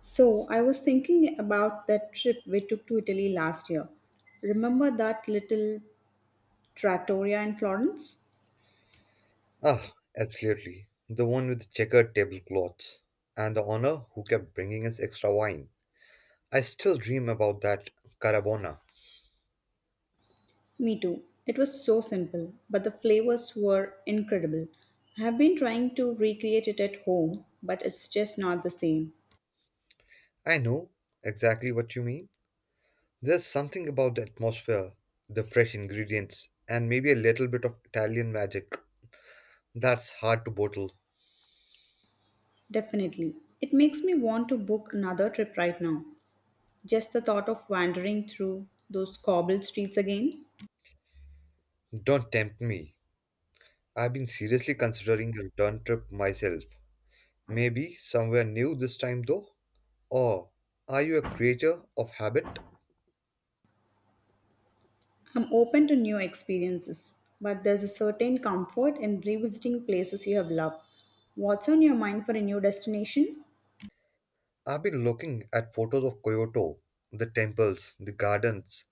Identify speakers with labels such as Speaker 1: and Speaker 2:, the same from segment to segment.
Speaker 1: So, I was thinking about that trip we took to Italy last year. Remember that little trattoria in Florence?
Speaker 2: Ah, absolutely. The one with the checkered tablecloths. And the honor who kept bringing us extra wine. I still dream about that carabona.
Speaker 1: Me too. It was so simple, but the flavors were incredible. I have been trying to recreate it at home, but it's just not the same.
Speaker 2: I know exactly what you mean. There's something about the atmosphere, the fresh ingredients, and maybe a little bit of Italian magic that's hard to bottle.
Speaker 1: Definitely. It makes me want to book another trip right now. Just the thought of wandering through those cobbled streets again.
Speaker 2: Don't tempt me. I've been seriously considering a return trip myself. Maybe somewhere new this time though? Or are you a creature of habit?
Speaker 1: I'm open to new experiences, but there's a certain comfort in revisiting places you have loved. What's on your mind for a new destination?
Speaker 2: I've been looking at photos of Kyoto, the temples, the gardens.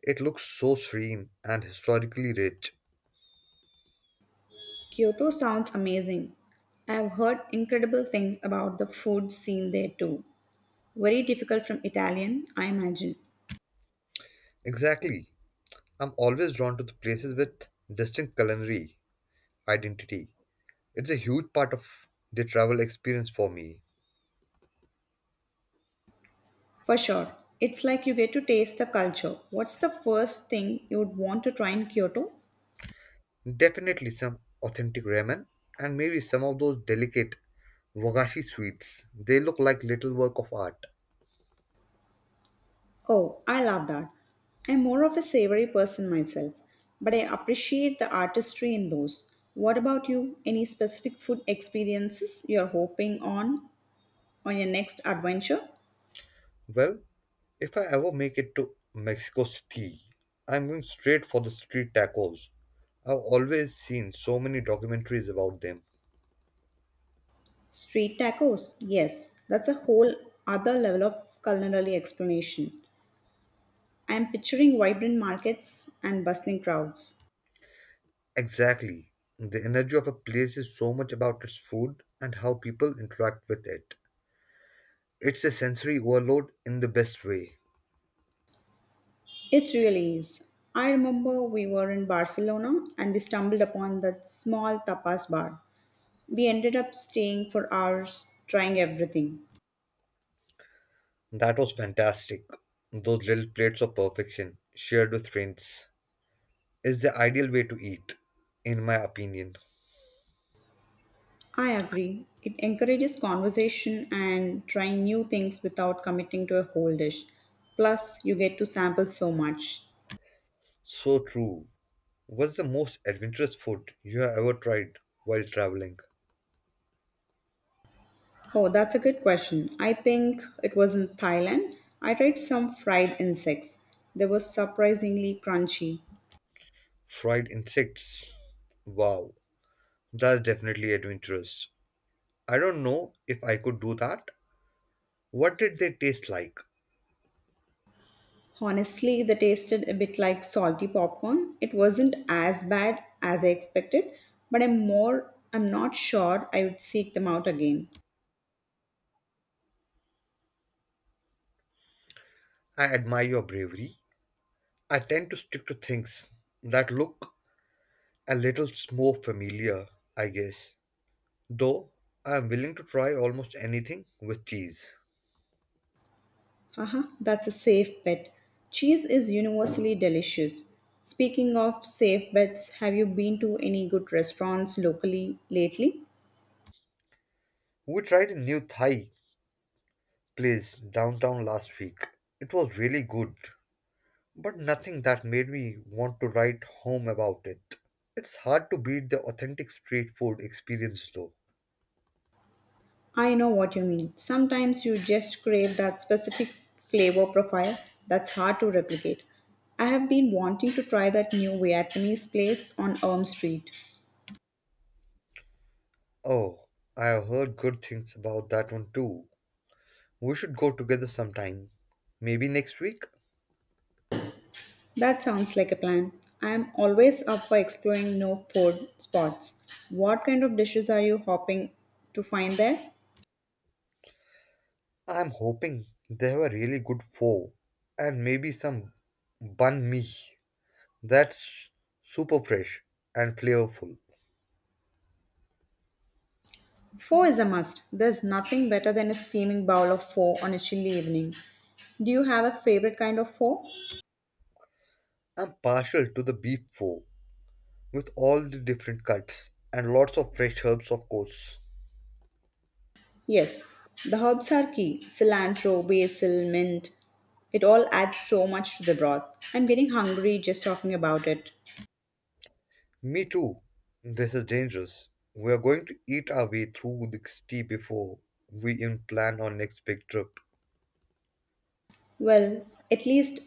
Speaker 2: It looks so serene and historically rich.
Speaker 1: Kyoto sounds amazing. I've heard incredible things about the food scene there too. Very difficult from Italian, I imagine.
Speaker 2: Exactly. I'm always drawn to the places with distinct culinary identity. It's a huge part of the travel experience for me.
Speaker 1: For sure. It's like you get to taste the culture. What's the first thing you would want to try in Kyoto?
Speaker 2: Definitely some authentic ramen and maybe some of those delicate wagashi sweets. They look like little work of art.
Speaker 1: Oh, I love that. I'm more of a savory person myself, but I appreciate the artistry in those. What about you? Any specific food experiences you're hoping on your next adventure?
Speaker 2: Well, if I ever make it to Mexico City, I'm going straight for the street tacos. I've always seen so many documentaries about them.
Speaker 1: Street tacos. Yes, that's a whole other level of culinary explanation. I'm picturing vibrant markets and bustling crowds.
Speaker 2: Exactly. The energy of a place is so much about its food and how people interact with it. It's a sensory overload in the best way.
Speaker 1: It really is. I remember we were in Barcelona and we stumbled upon that small tapas bar. We ended up staying for hours, trying everything.
Speaker 2: That was fantastic. Those little plates of perfection, shared with friends, is the ideal way to eat, in my opinion.
Speaker 1: I agree. It encourages conversation and trying new things without committing to a whole dish. Plus, you get to sample so much.
Speaker 2: So true. What's the most adventurous food you have ever tried while traveling?
Speaker 1: Oh, that's a good question. I think it was in Thailand. I tried some fried insects. They were surprisingly crunchy.
Speaker 2: Fried insects. Wow, that's definitely adventurous. I don't know if I could do that. What did they taste like?
Speaker 1: Honestly, they tasted a bit like salty popcorn. It wasn't as bad as I expected, but I'm not sure I would seek them out again.
Speaker 2: I admire your bravery. I tend to stick to things that look a little more familiar, I guess. Though I am willing to try almost anything with cheese.
Speaker 1: Haha, that's a safe bet. Cheese is universally delicious. Speaking of safe bets, have you been to any good restaurants locally lately?
Speaker 2: We tried a new Thai place downtown last week. It was really good, but nothing that made me want to write home about it. It's hard to beat the authentic street food experience though.
Speaker 1: I know what you mean. Sometimes you just crave that specific flavor profile that's hard to replicate. I have been wanting to try that new Vietnamese place on Elm Street.
Speaker 2: Oh, I have heard good things about that one too. We should go together sometime. Maybe next week?
Speaker 1: That sounds like a plan. I am always up for exploring new food spots. What kind of dishes are you hoping to find there?
Speaker 2: I'm hoping they have a really good pho and maybe some banh mi that's super fresh and flavorful.
Speaker 1: Pho is a must. There's nothing better than a steaming bowl of pho on a chilly evening. Do you have a favorite kind of pho?
Speaker 2: I'm partial to the beef pho with all the different cuts and lots of fresh herbs, of course.
Speaker 1: Yes, the herbs are key cilantro, basil, mint. It all adds so much to the broth. I'm getting hungry just talking about it.
Speaker 2: Me too. This is dangerous. We are going to eat our way through the city before we even plan our next big trip.
Speaker 1: Well, at least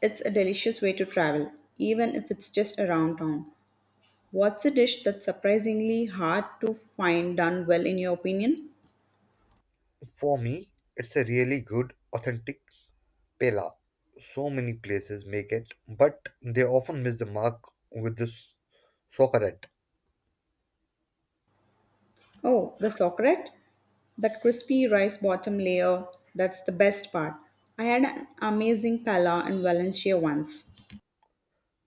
Speaker 1: it's a delicious way to travel, even if it's just around town. What's a dish that's surprisingly hard to find done well, in your opinion?
Speaker 2: For me, it's a really good, authentic pella. So many places make it, but they often miss the mark with this socarette.
Speaker 1: Oh, the Socrete? That crispy rice bottom layer, that's the best part. I had an amazing pala in Valencia once.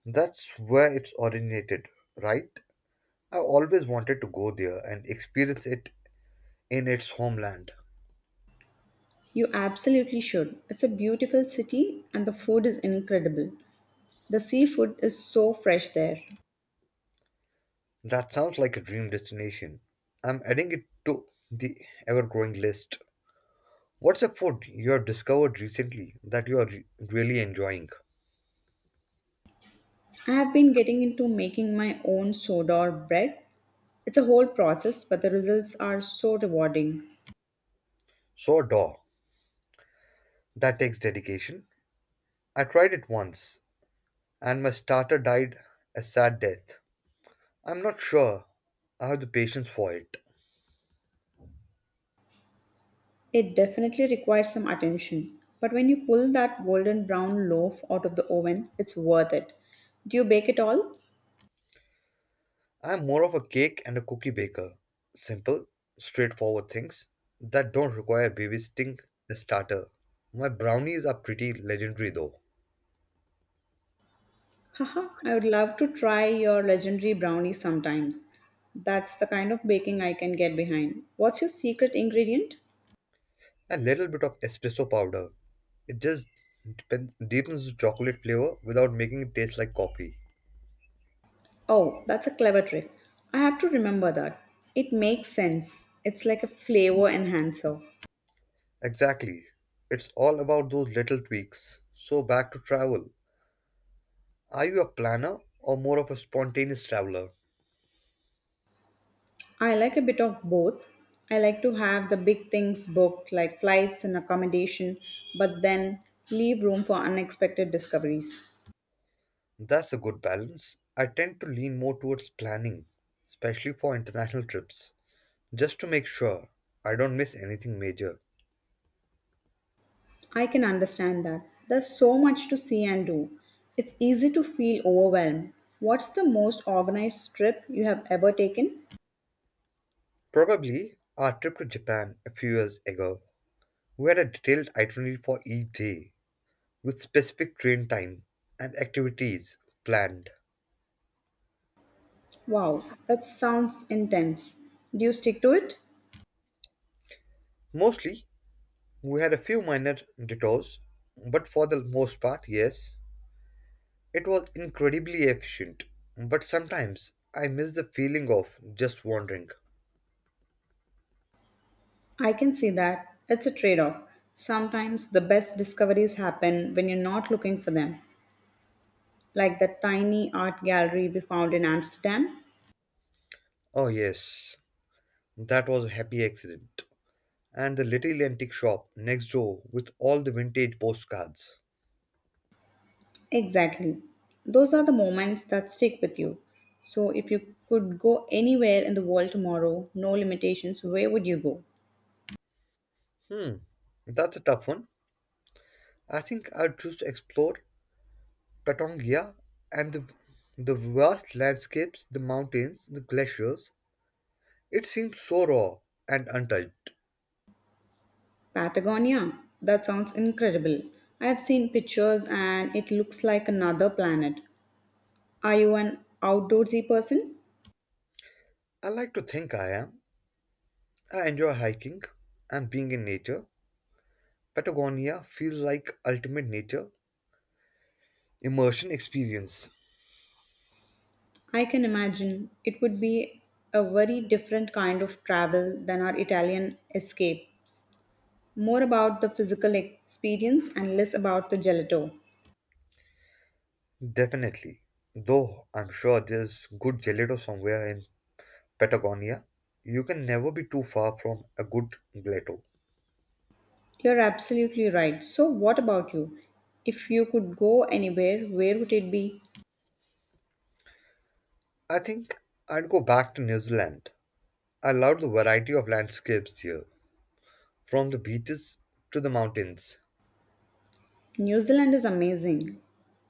Speaker 2: That's where it's originated, right? I always wanted to go there and experience it in its homeland.
Speaker 1: You absolutely should. It's a beautiful city and the food is incredible. The seafood is so fresh there.
Speaker 2: That sounds like a dream destination. I'm adding it to the ever growing list. What's a food you have discovered recently that you are really enjoying?
Speaker 1: I have been getting into making my own soda or bread. It's a whole process, but the results are so rewarding.
Speaker 2: Sourdough. That takes dedication. I tried it once and my starter died a sad death. I'm not sure I have the patience for it.
Speaker 1: It definitely requires some attention, but when you pull that golden brown loaf out of the oven, it's worth it. Do you bake it all?
Speaker 2: I'm more of a cake and a cookie baker. Simple, straightforward things that don't require babysitting the starter. My brownies are pretty legendary though.
Speaker 1: Haha, I would love to try your legendary brownie sometimes. That's the kind of baking I can get behind. What's your secret ingredient?
Speaker 2: A little bit of espresso powder. It just deepens the chocolate flavor without making it taste like coffee.
Speaker 1: Oh, that's a clever trick. I have to remember that. It makes sense. It's like a flavor enhancer.
Speaker 2: Exactly. It's all about those little tweaks. So back to travel. Are you a planner or more of a spontaneous traveler?
Speaker 1: I like a bit of both. I like to have the big things booked, like flights and accommodation, but then leave room for unexpected discoveries.
Speaker 2: That's a good balance. I tend to lean more towards planning, especially for international trips, just to make sure I don't miss anything major.
Speaker 1: I can understand that. There's so much to see and do. It's easy to feel overwhelmed. What's the most organized trip you have ever taken?
Speaker 2: Probably our trip to Japan a few years ago, we had a detailed itinerary for each day with specific train time and activities planned.
Speaker 1: Wow, that sounds intense. Do you stick to it?
Speaker 2: Mostly, we had a few minor detours, but for the most part, yes, it was incredibly efficient. But sometimes I miss the feeling of just wandering.
Speaker 1: I can see that. It's a trade off. Sometimes the best discoveries happen when you're not looking for them. Like that tiny art gallery we found in Amsterdam?
Speaker 2: Oh, yes. That was a happy accident. And the little antique shop next door with all the vintage postcards.
Speaker 1: Exactly. Those are the moments that stick with you. So, if you could go anywhere in the world tomorrow, no limitations, where would you go?
Speaker 2: Hmm, that's a tough one. I think I'd choose to explore Patongia and the vast landscapes, the mountains, the glaciers. It seems so raw and untouched.
Speaker 1: Patagonia. That sounds incredible. I have seen pictures and it looks like another planet. Are you an outdoorsy person?
Speaker 2: I like to think I am. I enjoy hiking and being in nature. Patagonia feels like ultimate nature immersion experience.
Speaker 1: I can imagine it would be a very different kind of travel than our Italian escape. More about the physical experience and less about the gelato.
Speaker 2: Definitely. Though I'm sure there's good gelato somewhere in Patagonia. You can never be too far from a good gelato.
Speaker 1: You're absolutely right. So, what about you? If you could go anywhere, where would it be?
Speaker 2: I think I'd go back to New Zealand. I love the variety of landscapes here, from the beaches to the mountains.
Speaker 1: New Zealand is amazing.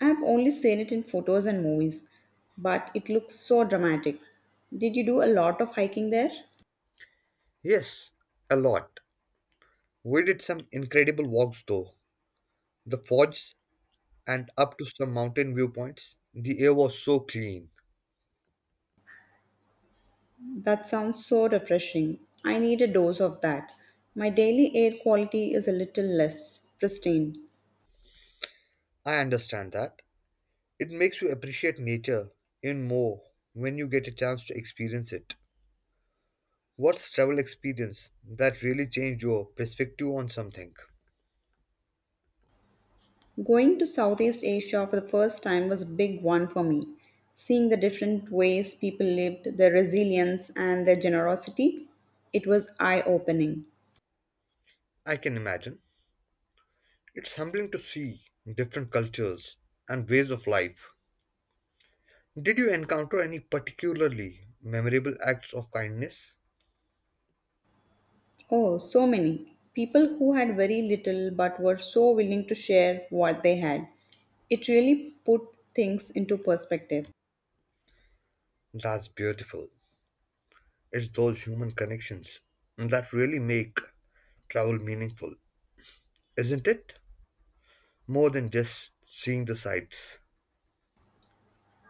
Speaker 1: I've only seen it in photos and movies, but it looks so dramatic. Did you do a lot of hiking there?
Speaker 2: Yes, a lot. We did some incredible walks though. The fords and up to some mountain viewpoints. The air was so clean.
Speaker 1: That sounds so refreshing. I need a dose of that. My daily air quality is a little less pristine.
Speaker 2: I understand that. It makes you appreciate nature even more when you get a chance to experience it. What's travel experience that really changed your perspective on something?
Speaker 1: Going to Southeast Asia for the first time was a big one for me. Seeing the different ways people lived, their resilience, and their generosity, it was eye opening.
Speaker 2: I can imagine. It's humbling to see different cultures and ways of life. Did you encounter any particularly memorable acts of kindness?
Speaker 1: Oh, so many people who had very little but were so willing to share what they had. It really put things into perspective.
Speaker 2: That's beautiful. It's those human connections that really make travel meaningful, isn't it? More than just seeing the sights.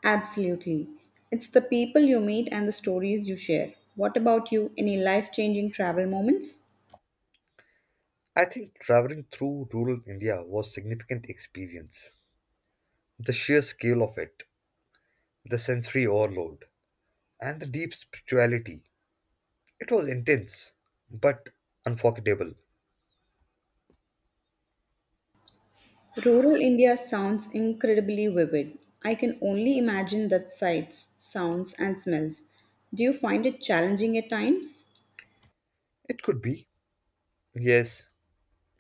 Speaker 1: Absolutely. It's the people you meet and the stories you share. What about you? Any life changing travel moments?
Speaker 2: I think traveling through rural India was significant experience. The sheer scale of it, the sensory overload, and the deep spirituality. It was intense, but unforgettable.
Speaker 1: Rural India sounds incredibly vivid. I can only imagine the sights, sounds, and smells. Do you find it challenging at times?
Speaker 2: It could be. Yes,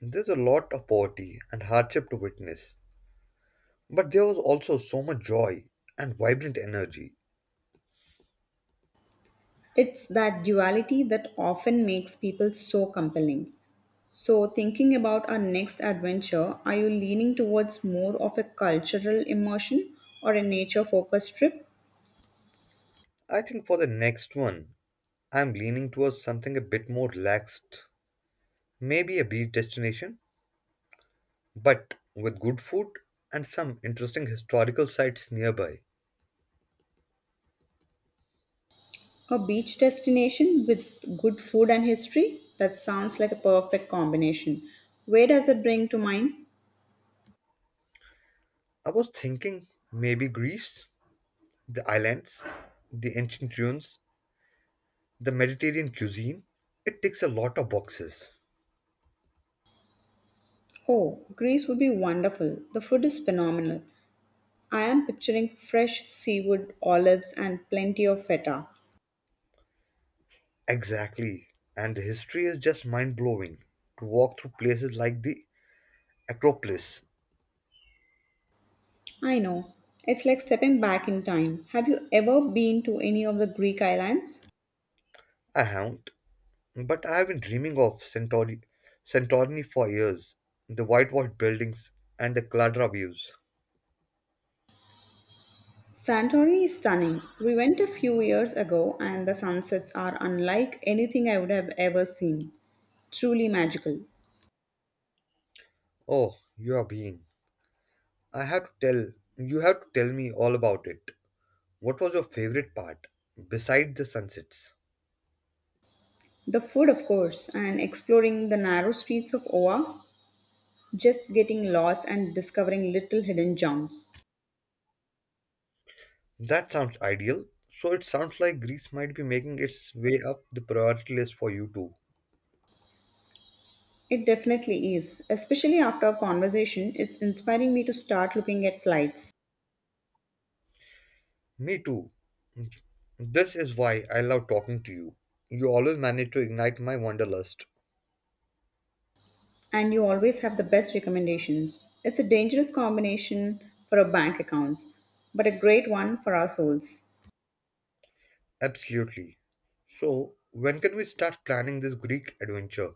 Speaker 2: there's a lot of poverty and hardship to witness, but there was also so much joy and vibrant energy.
Speaker 1: It's that duality that often makes people so compelling. So, thinking about our next adventure, are you leaning towards more of a cultural immersion or a nature focused trip?
Speaker 2: I think for the next one, I'm leaning towards something a bit more relaxed, maybe a beach destination, but with good food and some interesting historical sites nearby.
Speaker 1: A beach destination with good food and history? That sounds like a perfect combination. Where does it bring to mind?
Speaker 2: I was thinking maybe Greece, the islands, the ancient ruins, the Mediterranean cuisine. It ticks a lot of boxes.
Speaker 1: Oh, Greece would be wonderful. The food is phenomenal. I am picturing fresh seaweed, olives, and plenty of feta.
Speaker 2: Exactly. And the history is just mind blowing. To walk through places like the Acropolis,
Speaker 1: I know. It's like stepping back in time. Have you ever been to any of the Greek islands?
Speaker 2: I haven't, but I have been dreaming of Santorini for years. The whitewashed buildings and the caldera views.
Speaker 1: Santorini is stunning. We went a few years ago, and the sunsets are unlike anything I would have ever seen. Truly magical.
Speaker 2: Oh, you are being. I have to tell, You have to tell me all about it. What was your favorite part, beside the sunsets?
Speaker 1: The food, of course, and exploring the narrow streets of Oa, just getting lost and discovering little hidden gems.
Speaker 2: That sounds ideal. So it sounds like Greece might be making its way up the priority list for you too.
Speaker 1: It definitely is. Especially after our conversation, it's inspiring me to start looking at flights.
Speaker 2: Me too. This is why I love talking to you. You always manage to ignite my wanderlust.
Speaker 1: And you always have the best recommendations. It's a dangerous combination for our bank accounts, but a great one for our souls.
Speaker 2: Absolutely. So, when can we start planning this Greek adventure?